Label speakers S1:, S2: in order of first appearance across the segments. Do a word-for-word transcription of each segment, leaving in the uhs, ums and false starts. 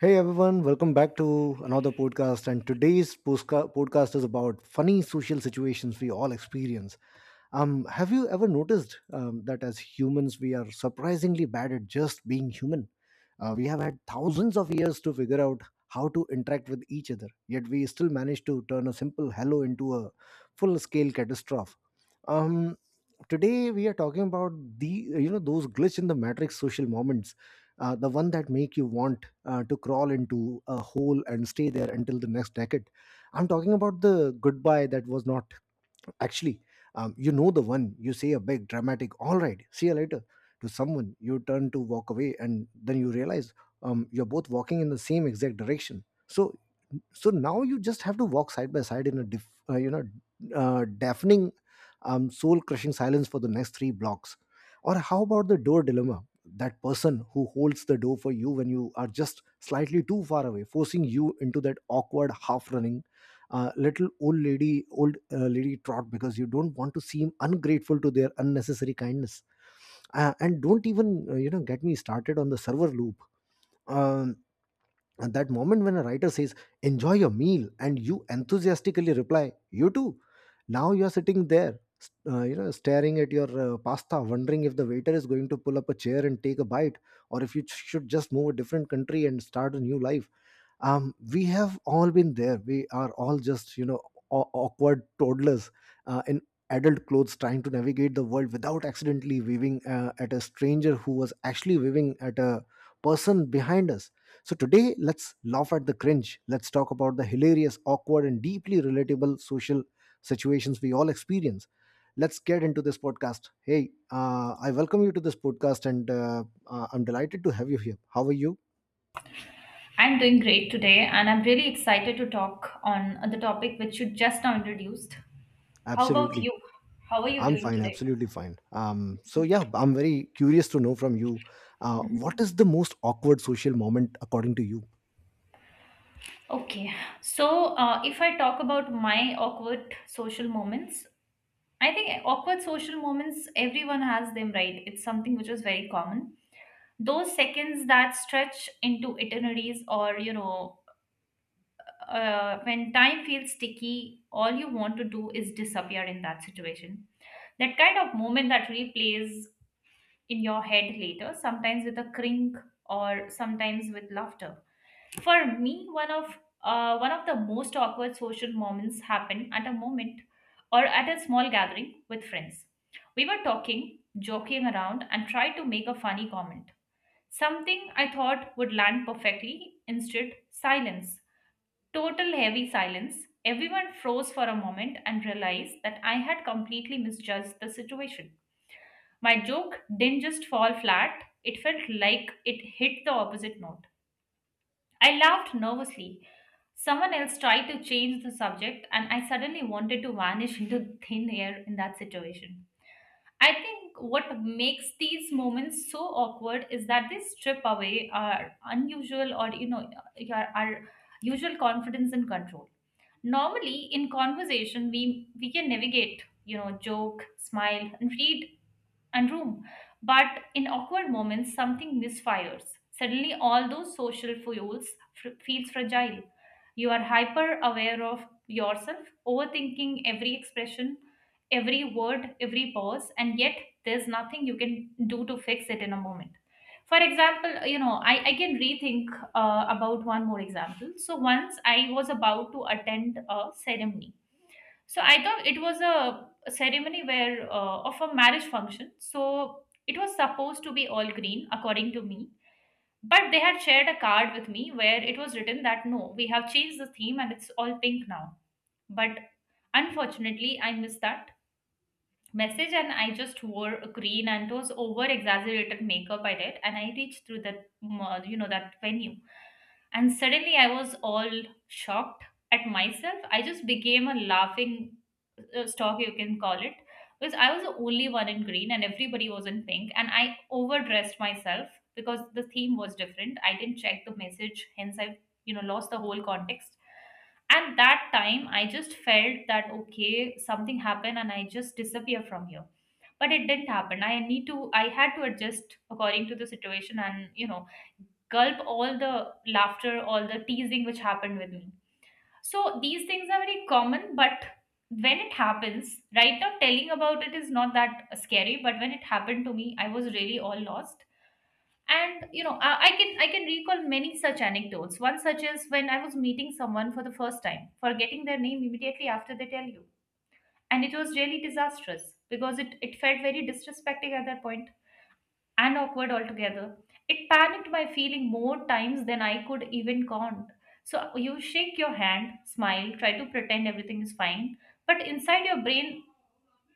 S1: Hey everyone, welcome back to another podcast. And today's postca- podcast is about funny social situations we all experience. Um, have you ever noticed um, that as humans, we are surprisingly bad at just being human? Uh, we have had thousands of years to figure out how to interact with each other, yet we still manage to turn a simple hello into a full scale catastrophe. Um, today we are talking about the you know those glitch in the matrix social moments, uh, the one that make you want uh, to crawl into a hole and stay there until the next decade. I'm talking about the goodbye that was not. Actually, um, you know the one. You say a big, dramatic, "All right, see you later" to someone. You turn to walk away, and then you realize um, you're both walking in the same exact direction. So so now you just have to walk side by side in a diff, uh, you know uh, deafening, um, soul crushing silence for the next three blocks. Or how about the door dilemma, that person who holds the door for you when you are just slightly too far away, forcing you into that awkward half running, uh, little old lady old uh, lady trot, because you don't want to seem ungrateful to their unnecessary kindness. Uh, and don't even uh, you know get me started on the server loop. Um at that moment when a writer says, "Enjoy your meal," and you enthusiastically reply, "You too." Now you are sitting there, st- uh, you know, staring at your uh, pasta, wondering if the waiter is going to pull up a chair and take a bite, or if you ch- should just move a different country and start a new life. Um, we have all been there. We are all just, you know, aw- awkward toddlers uh, in adult clothes, trying to navigate the world without accidentally waving uh, at a stranger who was actually waving at a person behind us. So today, let's laugh at the cringe. Let's talk about the hilarious, awkward, and deeply relatable social situations we all experience. Let's get into this podcast. Hey, uh, I welcome you to this podcast, and uh, uh, I'm delighted to have you here. How are you?
S2: I'm doing great today, and I'm really excited to talk on the topic which you just now introduced. How about
S1: Absolutely.
S2: you? How are you
S1: I'm
S2: doing
S1: fine,
S2: today?
S1: absolutely fine. Um, so yeah, I'm very curious to know from you, uh, what is the most awkward social moment according to you?
S2: Okay, so uh, if I talk about my awkward social moments, I think awkward social moments, everyone has them, right? It's something which was very common. Those seconds that stretch into eternities or, you know, uh, when time feels sticky, all you want to do is disappear in that situation. That kind of moment that replays in your head later, sometimes with a crink or sometimes with laughter. For me, one of uh, one of the most awkward social moments happened at a moment or at a small gathering with friends. We were talking, joking around, and tried to make a funny comment. Something I thought would land perfectly, instead, silence. Total heavy silence. Everyone froze for a moment and realized that I had completely misjudged the situation. My joke didn't just fall flat, it felt like it hit the opposite note. I laughed nervously. Someone else tried to change the subject, and I suddenly wanted to vanish into thin air in that situation. I think what makes these moments so awkward is that they strip away our unusual or you know your our usual confidence and control. Normally in conversation we we can navigate, you know, joke, smile, and read and room. But in awkward moments, something misfires. Suddenly, all those social fuels f- feels fragile. You are hyper aware of yourself, overthinking every expression, every word, every pause, and yet there's nothing you can do to fix it in a moment. For example, you know, I, I can rethink uh, about one more example. So once I was about to attend a ceremony, so I thought it was a a ceremony where uh, of a marriage function. So it was supposed to be all green, according to me. But they had shared a card with me where it was written that no, we have changed the theme and it's all pink now. But unfortunately, I missed that message and I just wore a green and those over exaggerated makeup I did, and I reached through that mm, uh, you know, that venue, and suddenly I was all shocked at myself. I just became a laughing uh, stock, you can call it, because I was the only one in green and everybody was in pink. And I overdressed myself because the theme was different. I didn't check the message, hence I, you know, lost the whole context. And that time I just felt that, okay, something happened and I just disappear from here. But it didn't happen. I need to, I had to adjust according to the situation and, you know, gulp all the laughter, all the teasing which happened with me. So these things are very common, but when it happens, right now telling about it is not that scary, but when it happened to me, I was really all lost. And you know, I, I can I can recall many such anecdotes. One such is when I was meeting someone for the first time, forgetting their name immediately after they tell you. And it was really disastrous because it, it felt very disrespecting at that point and awkward altogether. It panicked my feeling more times than I could even count. So you shake your hand, smile, try to pretend everything is fine, but inside your brain,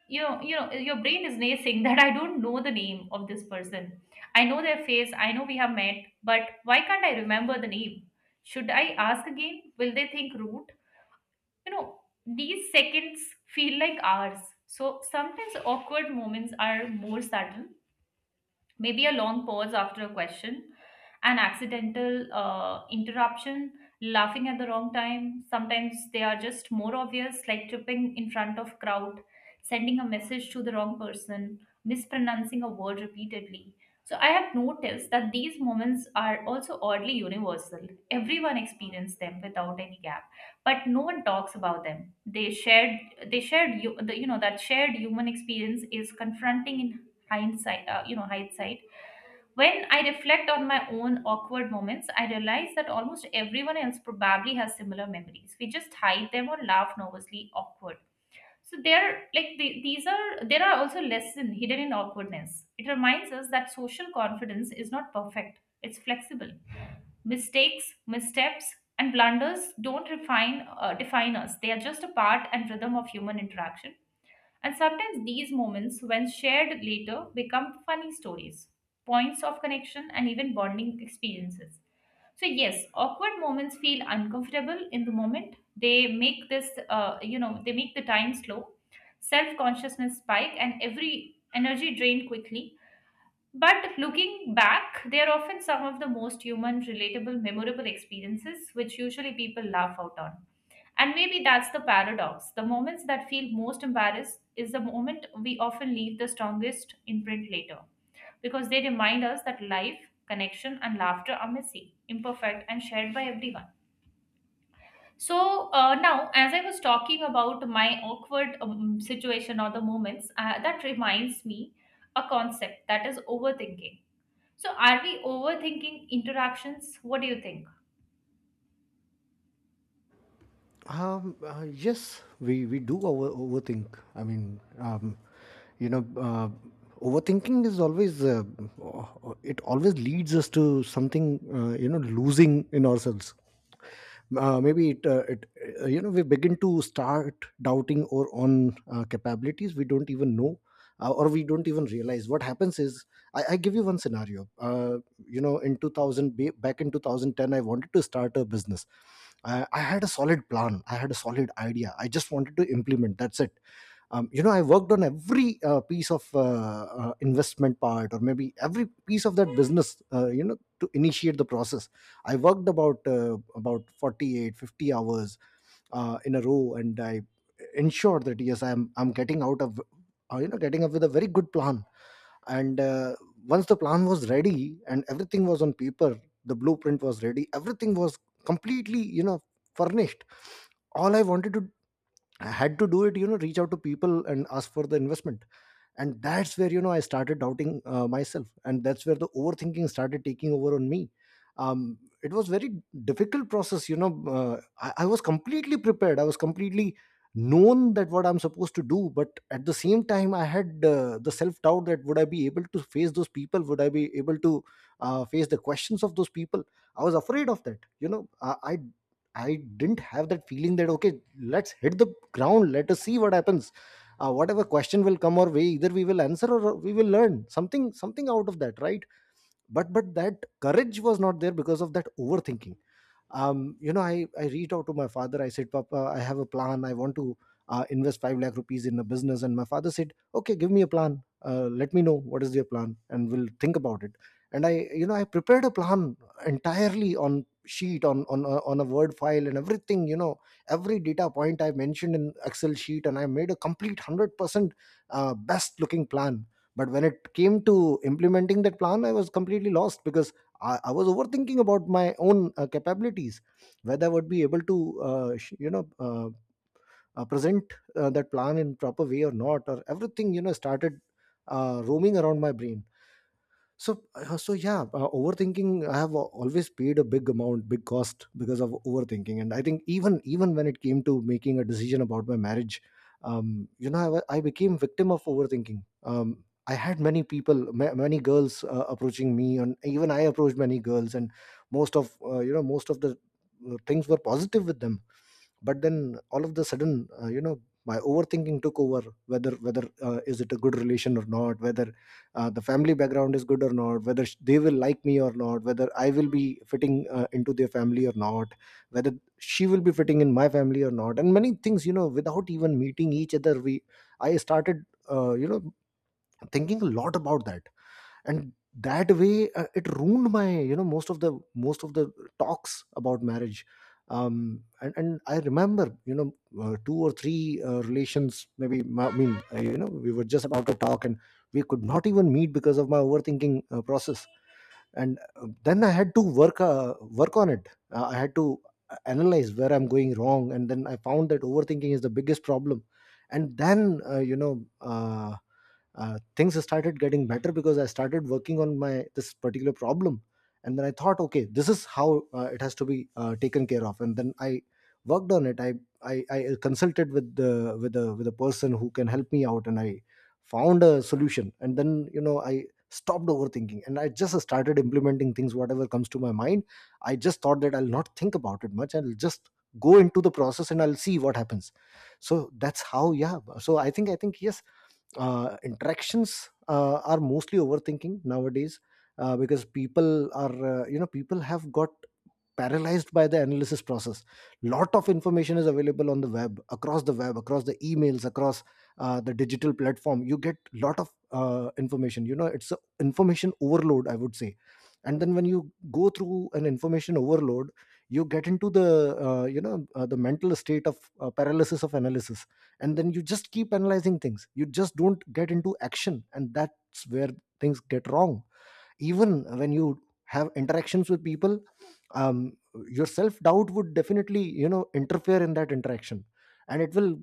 S2: you know, you know, your brain is naysaying that I don't know the name of this person. I know their face, I know we have met, but why can't I remember the name? Should I ask again? Will they think rude? You know, these seconds feel like hours. So sometimes awkward moments are more subtle, maybe a long pause after a question, an accidental uh, interruption, laughing at the wrong time. Sometimes they are just more obvious, like tripping in front of crowd, sending a message to the wrong person, mispronouncing a word repeatedly. So I have noticed that these moments are also oddly universal. Everyone experiences them without any gap, but no one talks about them. They shared, they shared you, the, you know, that shared human experience is confronting in hindsight, uh, you know, hindsight. When I reflect on my own awkward moments, I realize that almost everyone else probably has similar memories. We just hide them or laugh nervously awkward. So there, like the, these are there are also lessons hidden in awkwardness. It reminds us that social confidence is not perfect; it's flexible. Mistakes, missteps, and blunders don't refine uh, define us. They are just a part and rhythm of human interaction. And sometimes these moments, when shared later, become funny stories, points of connection, and even bonding experiences. So yes, awkward moments feel uncomfortable in the moment. They make this, uh, you know, they make the time slow, self consciousness spike, and every energy drain quickly. But looking back, they are often some of the most human, relatable, memorable experiences which usually people laugh out on. And maybe that's the paradox. The moments that feel most embarrassed is the moment we often leave the strongest imprint later because they remind us that life, connection, and laughter are messy, imperfect, and shared by everyone. So uh, now, as I was talking about my awkward um, situation or the moments, uh, that reminds me a concept that is overthinking. So, are we overthinking interactions? What do you think?
S1: Um, uh, yes, we, we do over, overthink. I mean, um, you know, uh, overthinking is always, uh, uh, it always leads us to something, uh, you know, losing in ourselves. Uh, maybe it, uh, it, uh, you know, we begin to start doubting our own uh, capabilities. We don't even know, uh, or we don't even realize. What happens is, I, I give you one scenario. Uh, you know in 2000 ba- back in two thousand ten, I wanted to start a business. I, I had a solid plan. I had a solid idea. I just wanted to implement. That's it. Um, you know, I worked on every uh, piece of uh, uh, investment part, or maybe every piece of that business, uh, you know to initiate the process. I worked about uh, about forty-eight, fifty hours uh, in a row, and I ensured that yes, i'm i'm getting out of, uh, you know getting up with a very good plan. And uh, Once the plan was ready and everything was on paper, the blueprint was ready, everything was completely, you know, furnished. All I wanted to, I had to do it, you know, reach out to people and ask for the investment. And that's where, you know, I started doubting uh, myself, and that's where the overthinking started taking over on me. um, it was very difficult process, you know. Uh, I, I was completely prepared. I was completely known that what I'm supposed to do, but at the same time, I had uh, the self doubt that would I be able to face those people, would I be able to uh, face the questions of those people. I was afraid of that, you know. I, I I didn't have that feeling that okay, let's hit the ground, let us see what happens. Uh, whatever question will come our way, either we will answer or we will learn something something out of that, right? But but that courage was not there because of that overthinking. Um, you know, I, I reached out to my father. I said, "Papa, I have a plan. I want to uh, invest five lakh rupees in a business." And my father said, "Okay, give me a plan. Uh, let me know what is your plan and we'll think about it." And I, you know, I prepared a plan entirely on sheet, on, on, a- on a Word file, and everything, you know, every data point I mentioned in Excel sheet, and I made a complete one hundred percent uh, best looking plan. But when it came to implementing that plan, I was completely lost because I, I was overthinking about my own uh, capabilities, whether I would be able to, uh, sh- you know, uh, uh, present uh, that plan in proper way or not, or everything, you know, started uh, roaming around my brain. So uh, so yeah, uh, overthinking, I have al- always paid a big amount, big cost because of overthinking. And I think, even even when it came to making a decision about my marriage, um you know, i, wa- I became victim of overthinking. Um, I had many people, ma- many girls uh, approaching me, and even I approached many girls, and most of, uh, you know most of the uh, things were positive with them. But then all of the sudden, uh, you know my overthinking took over. Whether whether uh, is it a good relation or not, whether uh, the family background is good or not, whether sh- they will like me or not, whether I will be fitting uh, into their family or not, whether she will be fitting in my family or not, and many things, you know, without even meeting each other, we I started, uh, you know thinking a lot about that. And that way, uh, it ruined my, you know, most of the most of the talks about marriage. Um and, and I remember, you know, uh, two or three uh, relations, maybe ma- I mean uh, you know we were just about to talk, and we could not even meet because of my overthinking uh, process. And uh, then I had to work uh, work on it. Uh, I had to uh, analyze where I'm going wrong, and then I found that overthinking is the biggest problem. And then uh, you know uh, uh, things started getting better because I started working on my this particular problem, and then I thought, okay, this is how uh, it has to be uh, taken care of, and then I worked on it. I I, I consulted with the with the with a person who can help me out, and I found a solution. And then, you know, I stopped overthinking, and I just started implementing things whatever comes to my mind. I just thought that I'll not think about it much. I'll just go into the process and I'll see what happens. So that's how, yeah. So i think i think yes, uh, interactions uh, are mostly overthinking nowadays, uh, because people are, uh, you know people have got paralyzed by the analysis process. Lot of information is available on the web, across the web across the emails, across uh, the digital platform. You get lot of uh, information, you know. It's a information overload, I would say. And then when you go through an information overload, you get into the uh, you know uh, the mental state of uh, paralysis of analysis, and then you just keep analyzing things, you just don't get into action, and that's where things get wrong. Even when you have interactions with people, um, your self doubt would definitely, you know, interfere in that interaction, and it will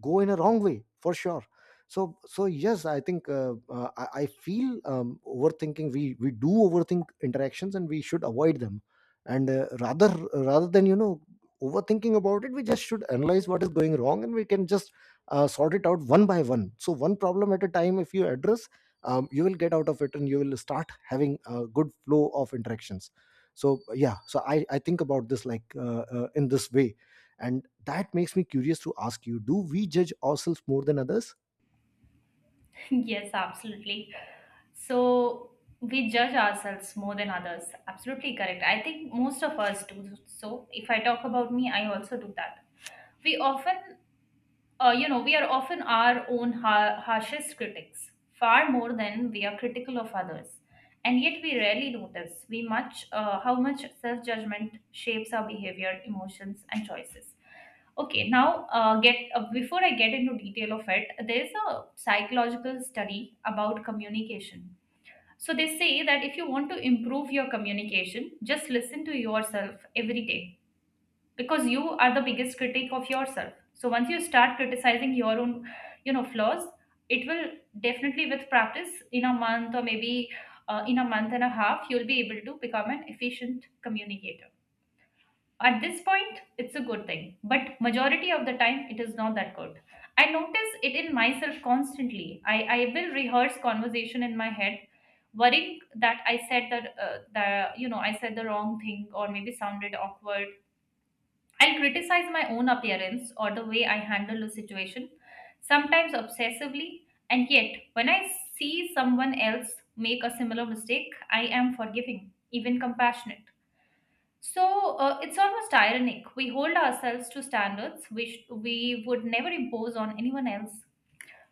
S1: go in a wrong way for sure. So so yes, I think, uh, uh, I, I feel um, overthinking, we we do overthink interactions and we should avoid them. And uh, rather rather than, you know, overthinking about it, we just should analyze what is going wrong, and we can just uh, sort it out one by one. So one problem at a time, if you address, um, you will get out of it, and you will start having a good flow of interactions. So yeah, so i i think about this like, uh, uh, in this way. And that makes me curious to ask you, do we judge ourselves more than others?
S2: Yes, absolutely. So, we judge ourselves more than others. Absolutely correct. I think most of us do so. If I talk about me, I also do that. We often uh, you know, we are often our own ha- harshest critics, far more than we are critical of others. And yet we rarely notice we much uh, how much self judgment shapes our behavior, emotions, and choices. Okay, now uh, get uh, before I get into detail of it, there is a psychological study about communication. So they say that if you want to improve your communication, just listen to yourself every day, because you are the biggest critic of yourself. So once you start criticizing your own, you know, flaws, it will definitely, with practice, in a month or maybe uh, in a month and a half, you'll be able to become an efficient communicator. At this point, it's a good thing, but majority of the time it is not that good. I notice it in myself constantly. I, I will rehearse conversation in my head, worrying that I said that uh, the you know, I said the wrong thing or maybe sounded awkward. I'll criticize my own appearance or the way I handle a situation, sometimes obsessively, and yet when I see someone else make a similar mistake, I am forgiving, even compassionate. So uh, it's almost ironic. We hold ourselves to standards which we would never impose on anyone else.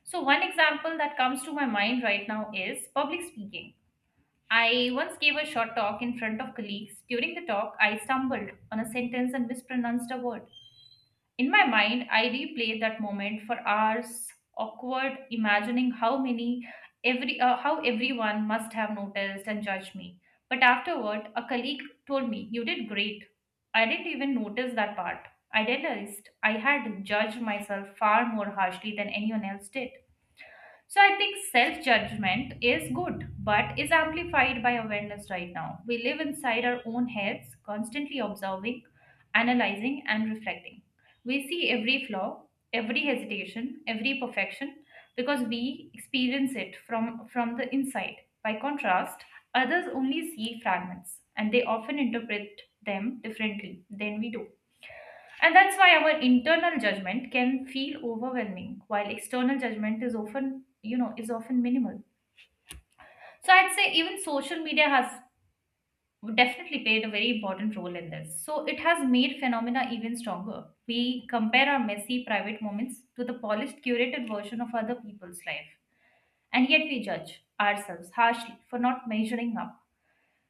S2: So, one example that comes to my mind right now is public speaking. I once gave a short talk in front of colleagues. During the talk, I stumbled on a sentence and mispronounced a word. In my mind, I replayed that moment for hours, awkward, imagining how many every uh, how everyone must have noticed and judged me. But afterward, a colleague told me, "You did great. I didn't even notice that part." I realized I had judged myself far more harshly than anyone else did. So I think self judgment is good, but is amplified by awareness right now. We live inside our own heads, constantly observing, analyzing, and reflecting. We see every flaw, every hesitation, every perfection because we experience it from, from the inside. By contrast, others only see fragments and they often interpret them differently than we do. And that's why our internal judgment can feel overwhelming, while external judgment is often, you know, is often minimal. So I'd say even social media has definitely played a very important role in this. So it has made phenomena even stronger. We compare our messy private moments to the polished curated version of other people's life. And yet we judge ourselves harshly for not measuring up.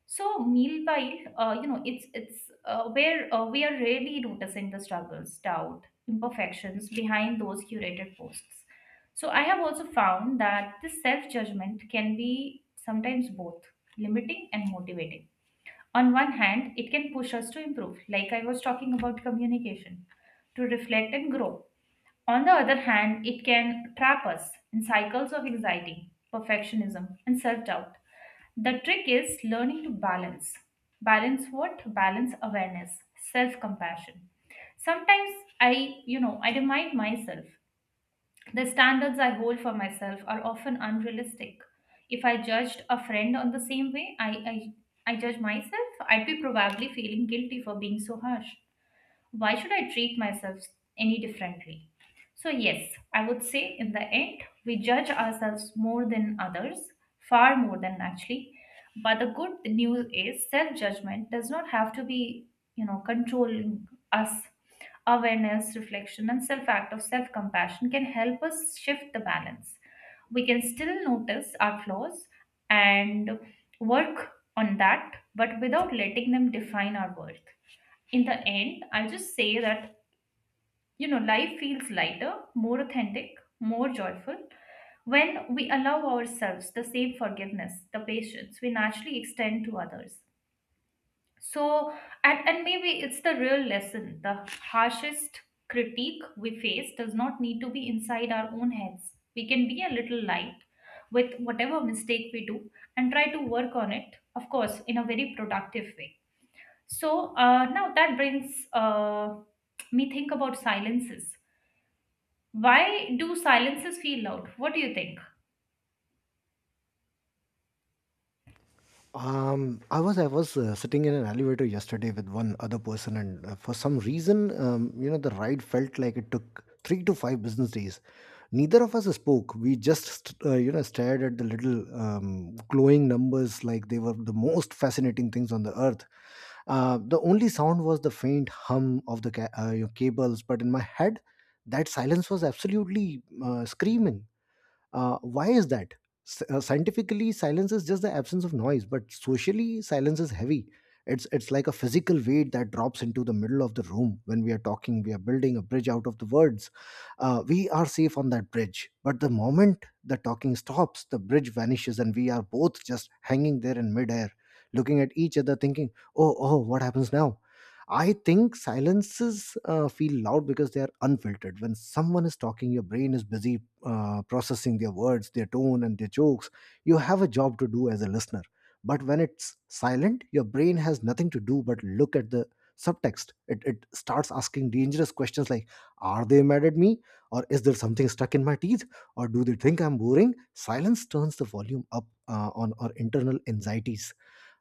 S2: So meanwhile, uh, you know, it's it's uh, where uh, we are really noticing the struggles, doubt, imperfections behind those curated posts. So I have also found that this self judgment can be sometimes both limiting and motivating. On one hand, it can push us to improve, like I was talking about communication, to reflect and grow. On the other hand, it can trap us in cycles of anxiety, perfectionism, and self doubt. The trick is learning to balance. Balance what? Balance awareness, self compassion. Sometimes I, you know, I remind myself the standards I hold for myself are often unrealistic. If I judged a friend on the same way I, I, I judge myself, I'd be probably feeling guilty for being so harsh. Why should I treat myself any differently? So, yes, I would say in the end, we judge ourselves more than others, far more than actually. But the good news is self judgment does not have to be, you know, controlling us. Awareness, reflection, and self act of self compassion can help us shift the balance. We can still notice our flaws and work on that, but without letting them define our worth in the end, I just say that, you know, life feels lighter, more authentic, more joyful when we allow ourselves the same forgiveness, the patience we naturally extend to others. So, and, and maybe it's the real lesson the harshest critique we face does not need to be inside our own heads. We can be a little light with whatever mistake we do and try to work on it, of course, in a very productive way. So uh, now that brings uh, me think about silences. Why do silences feel loud? What do you think?
S1: Um i was i was uh, sitting in an elevator yesterday with one other person, and uh, for some reason um, You know, the ride felt like it took three to five business days. Neither of us spoke. We just st- uh, you know, stared at the little um, glowing numbers like they were the most fascinating things on the earth. Uh, the only sound was the faint hum of the ca- uh, your cables, but in my head, that silence was absolutely uh, screaming. Uh, why is that? S- uh, scientifically, silence is just the absence of noise, but socially, silence is heavy. It's it's like a physical weight that drops into the middle of the room when we are talking. We are building a bridge out of the words. Uh, we are safe on that bridge, but the moment the talking stops, the bridge vanishes, and we are both just hanging there in midair, looking at each other, thinking, "Oh, oh, what happens now?" I think silences uh, feel loud because they are unfiltered. When someone is talking, your brain is busy uh, processing their words, their tone, and their jokes. You have a job to do as a listener. But when it's silent, your brain has nothing to do but look at the subtext. It, it starts asking dangerous questions like, are they mad at me? Or is there something stuck in my teeth? Or do they think I'm boring? Silence turns the volume up uh, on our internal anxieties.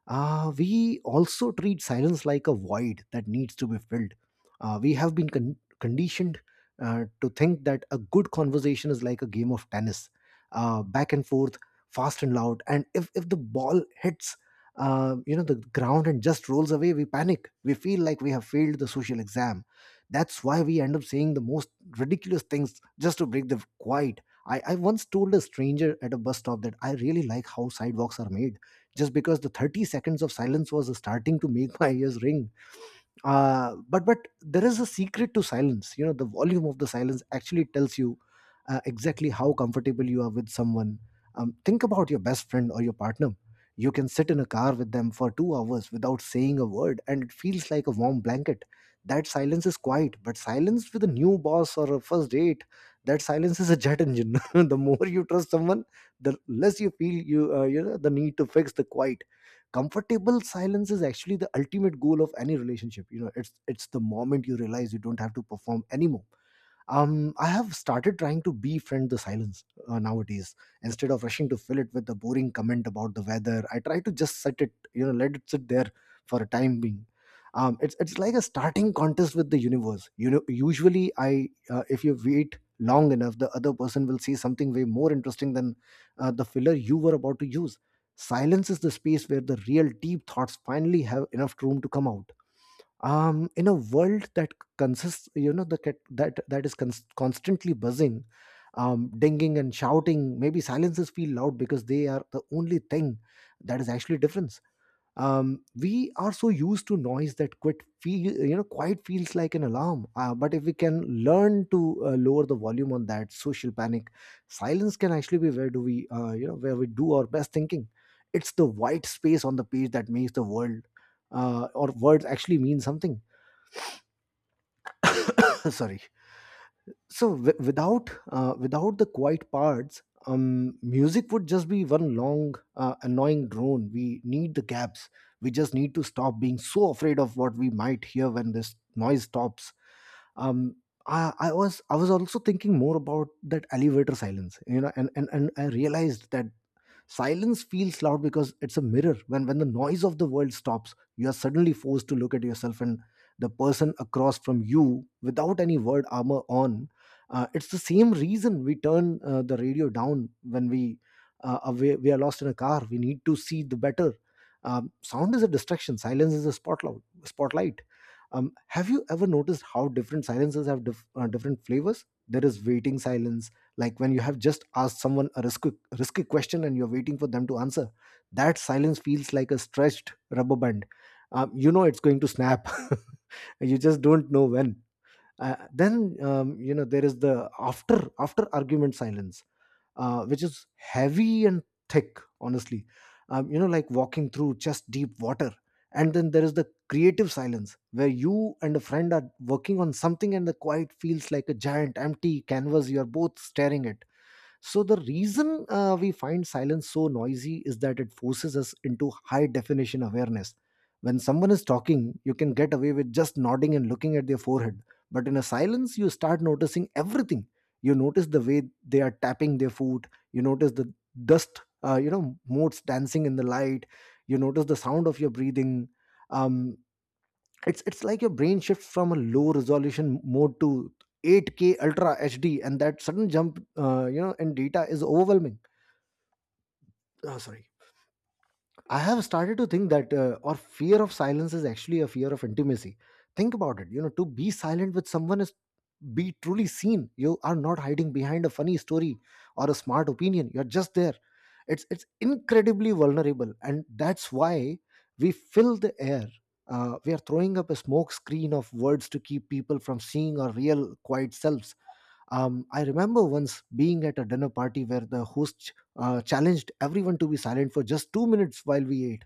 S1: uh, We also treat silence like a void that needs to be filled. Uh, we have been con- conditioned uh, to think that a good conversation is like a game of tennis, uh, back and forth, fast and loud. And if, if the ball hits, uh, you know, the ground and just rolls away, we panic. We feel like we have failed the social exam. That's why we end up saying the most ridiculous things just to break the quiet. I, I once told a stranger at a bus stop that I really like how sidewalks are made just because the thirty seconds of silence was starting to make my ears ring. uh, but but there is a secret to silence. You know, the volume of the silence actually tells you uh, exactly how comfortable you are with someone. Um, think about your best friend or your partner. You can sit in a car with them for two hours without saying a word, and it feels like a warm blanket. That silence is quiet. But silence with a new boss or a first date, that silence is a jet engine. The more you trust someone, the less you feel you uh, you know the need to fix the quiet. Comfortable silence is actually the ultimate goal of any relationship. You know, it's it's the moment you realize you don't have to perform anymore. um, I have started trying to befriend the silence uh, nowadays. Instead of rushing to fill it with a boring comment about the weather, I try to just set it, you know, let it sit there for a time being. Um, it's it's like a starting contest with the universe. You know, usually I, uh, if you wait long enough, the other person will say something way more interesting than uh, the filler you were about to use. Silence is the space where the real deep thoughts finally have enough room to come out. Um in a world that consists, you know, the cat- that that is cons- constantly buzzing, um dinging and shouting, maybe silences feel loud because they are the only thing that is actually difference. Um we are so used to noise that quit feel, you know, quiet feels like an alarm. Uh, but if we can learn to uh, lower the volume on that social panic, silence can actually be where do we uh, you know where we do our best thinking. It's the white space on the page that makes the world uh, or words actually mean something. Sorry. So w- without uh, without the quiet parts, um, music would just be one long uh, annoying drone. We need the gaps. We just need to stop being so afraid of what we might hear when this noise stops. um, I, I was I was also thinking more about that elevator silence, you know, and and, and I realized that silence feels loud because it's a mirror. When when the noise of the world stops, you are suddenly forced to look at yourself and the person across from you without any word armor on. Uh, it's the same reason we turn uh, the radio down when we uh, are- we we are lost in a car. We need to see the better. Um, sound is a distraction. Silence is a spotlight spotlight um, Have you ever noticed how different silences have dif- uh, different flavors? There is waiting silence, like when you have just asked someone a risky, risky question and you're waiting for them to answer. That silence feels like a stretched rubber band. Um, you know it's going to snap. You just don't know when. Uh, then, um, you know, there is the after after argument silence, uh, which is heavy and thick, honestly. Um, you know, like walking through chest deep water. And then there is the creative silence where you and a friend are working on something and the quiet feels like a giant empty canvas you are both staring at. So the reason uh, we find silence so noisy is that it forces us into high definition awareness. When someone is talking, you can get away with just nodding and looking at their forehead. But in a silence, you start noticing everything. You notice the way they are tapping their foot. You notice the dust, uh, you know, motes dancing in the light. You notice the sound of your breathing. Um, it's it's like your brain shifts from a low resolution mode to eight k ultra hd, and that sudden jump uh, you know in data is overwhelming. Oh, sorry. I have started to think that uh, our fear of silence is actually a fear of intimacy. Think about it. You know, to be silent with someone is be truly seen. You are not hiding behind a funny story or a smart opinion. You're just there. It's it's incredibly vulnerable, and that's why we fill the air. Uh, we are throwing up a smoke screen of words to keep people from seeing our real quiet selves. Um, I remember once being at a dinner party where the host uh, challenged everyone to be silent for just two minutes while we ate.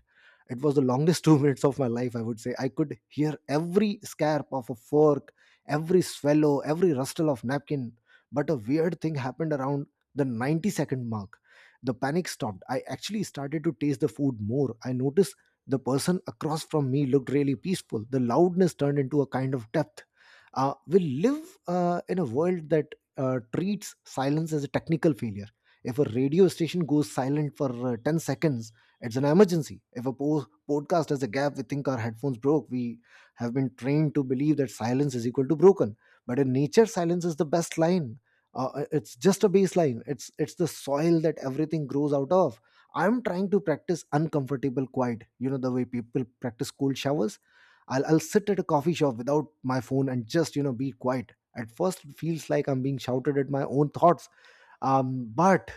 S1: It was the longest two minutes of my life, I would say. I could hear every scarp of a fork, every swallow, every rustle of napkin. But a weird thing happened around the ninety second mark. The panic stopped. I actually started to taste the food more. I noticed the person across from me looked really peaceful. The loudness turned into a kind of depth. Uh, we live uh, in a world that uh, treats silence as a technical failure. If a radio station goes silent for uh, ten seconds, it's an emergency. If a po- podcast has a gap, we think our headphones broke. We have been trained to believe that silence is equal to broken. But in nature, silence is the best line. Uh, uh, it's just a baseline. It's it's the soil that everything grows out of. I'm trying to practice uncomfortable quiet, you know, the way people practice cold showers. I'll I'll sit at a coffee shop without my phone and just, you know, be quiet. At first, it feels like I'm being shouted at my own thoughts. Um, but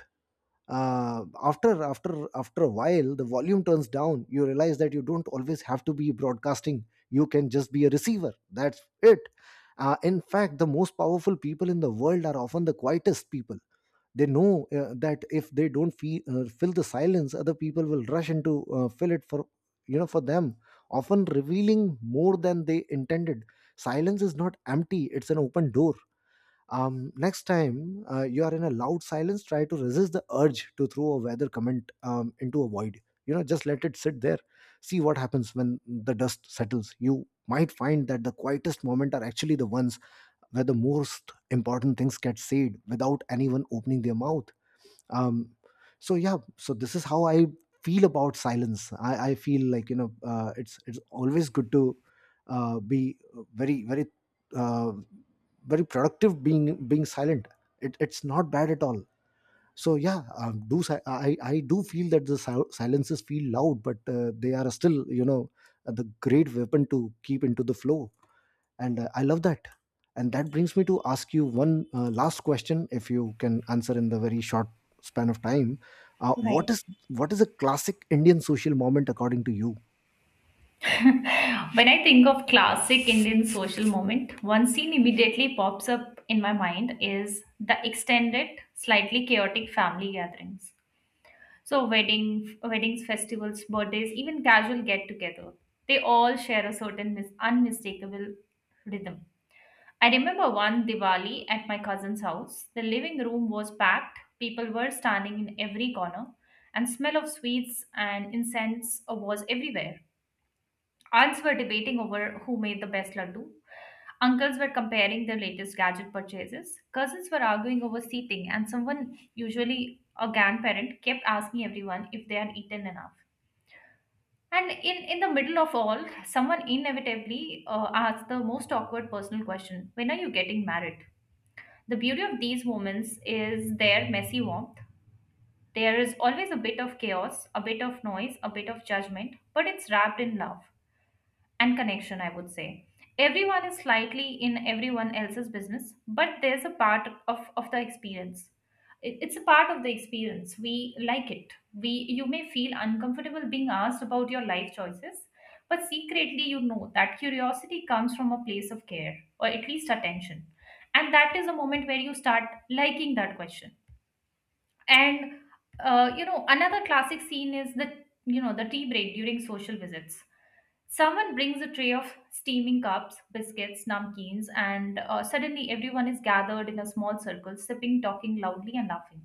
S1: uh, after after after a while, the volume turns down. You realize that you don't always have to be broadcasting. You can just be a receiver. That's it. Uh, in fact, the most powerful people in the world are often the quietest people. They know uh, that if they don't fee- uh, fill the silence, other people will rush into uh, fill it for you know for them, often revealing more than they intended. Silence is not empty; it's an open door. Um, next time uh, you are in a loud silence, try to resist the urge to throw a weather comment um, into a void. You know, just let it sit there. See what happens when the dust settles. You might find that the quietest moments are actually the ones where the most important things get said without anyone opening their mouth. um so yeah, so this is how I feel about silence. I i feel like, you know, uh, it's it's always good to uh, be very very uh, very productive being being silent. It, it's not bad at all. So yeah, um, do si- I I do feel that the sil- silences feel loud, but uh, they are still, you know, the great weapon to keep into the flow, and uh, I love that. And that brings me to ask you one uh, last question, if you can answer in the very short span of time. uh, what
S2: Right.
S1: is what is a classic indian social moment according to you?
S2: When I think of classic Indian social moment, one scene immediately pops up in my mind is the extended, slightly chaotic family gatherings. So wedding, weddings, festivals, birthdays, even casual get together. They all share a certain mis- unmistakable rhythm. I remember one Diwali at my cousin's house. The living room was packed. People were standing in every corner, and smell of sweets and incense was everywhere. Aunts were debating over who made the best laddu. Uncles were comparing their latest gadget purchases. Cousins were arguing over seating, and someone, usually a grandparent, kept asking everyone if they had eaten enough. And in, in the middle of all, someone inevitably uh, asked the most awkward personal question: when are you getting married? The beauty of these moments is their messy warmth. There is always a bit of chaos, a bit of noise, a bit of judgment, but it's wrapped in love and connection, I would say. Everyone is slightly in everyone else's business, but there's a part of, of the experience. It- It's a part of the experience. We like it. We, you may feel uncomfortable being asked about your life choices, but secretly you know that curiosity comes from a place of care or at least attention. And that is a moment where you start liking that question. And uh, you know, another classic scene is the, you know, the tea break during social visits. Someone brings a tray of steaming cups, biscuits, namkeens, and uh, suddenly everyone is gathered in a small circle, sipping, talking loudly, and laughing.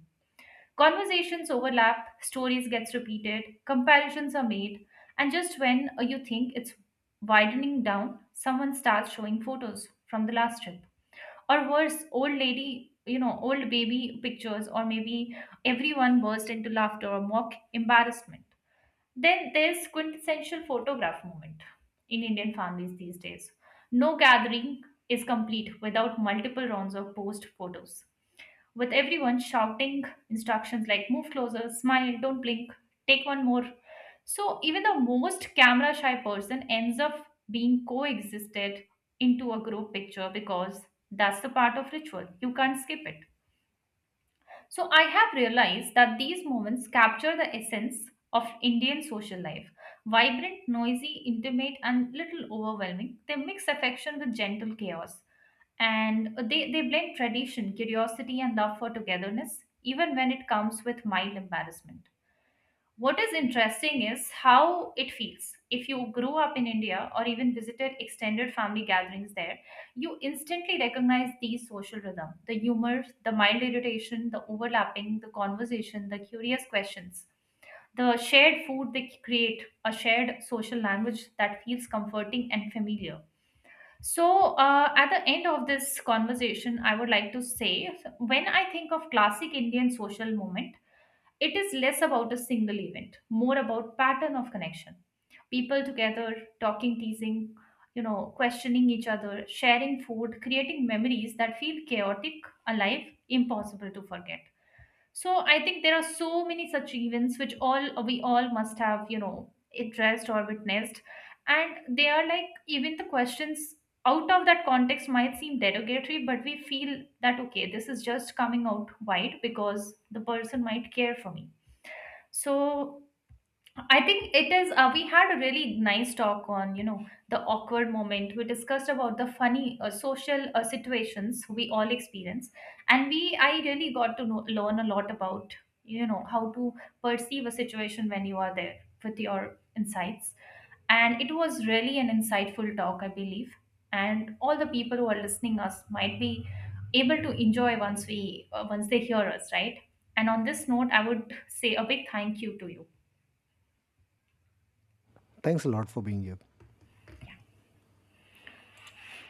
S2: Conversations overlap, stories gets repeated, comparisons are made, and just when uh, you think it's widening down, someone starts showing photos from the last trip, or worse, old lady, you know, old baby pictures, or maybe everyone burst into laughter or mock embarrassment. Then there's quintessential photograph moment in Indian families these days. No gathering is complete without multiple rounds of post photos, with everyone shouting instructions like move closer, smile, don't blink, take one more. So even the most camera shy person ends up being coexisted into a group picture because that's the part of ritual. You can't skip it. So I have realized that these moments capture the essence of Indian social life. Vibrant, noisy, intimate, and little overwhelming, they mix affection with gentle chaos. And they, they blend tradition, curiosity, and love for togetherness, even when it comes with mild embarrassment. What is interesting is how it feels. If you grew up in India or even visited extended family gatherings there, you instantly recognize these social rhythm, the humor, the mild irritation, the overlapping, the conversation, the curious questions. The shared food they create, a shared social language that feels comforting and familiar. So, uh, at the end of this conversation, I would like to say when I think of classic Indian social moment. It is less about a single event, more about pattern of connection. People together, talking, teasing, you know, questioning each other, sharing food, creating memories that feel chaotic, alive, impossible to forget. So I think there are so many such events which all we all must have, you know, addressed or witnessed. And they are like even the questions out of that context might seem derogatory, but we feel that okay, this is just coming out wide because the person might care for me. So I think it is. Uh, we had a really nice talk on, you know, the awkward moment. We discussed about the funny uh, social uh, situations we all experience, and we I really got to know, learn a lot about, you know, how to perceive a situation when you are there with your insights. And it was really an insightful talk, I believe. And all the people who are listening us might be able to enjoy once we uh, once they hear us, right? And on this note, I would say a big thank you to you.
S1: Thanks a lot for being here.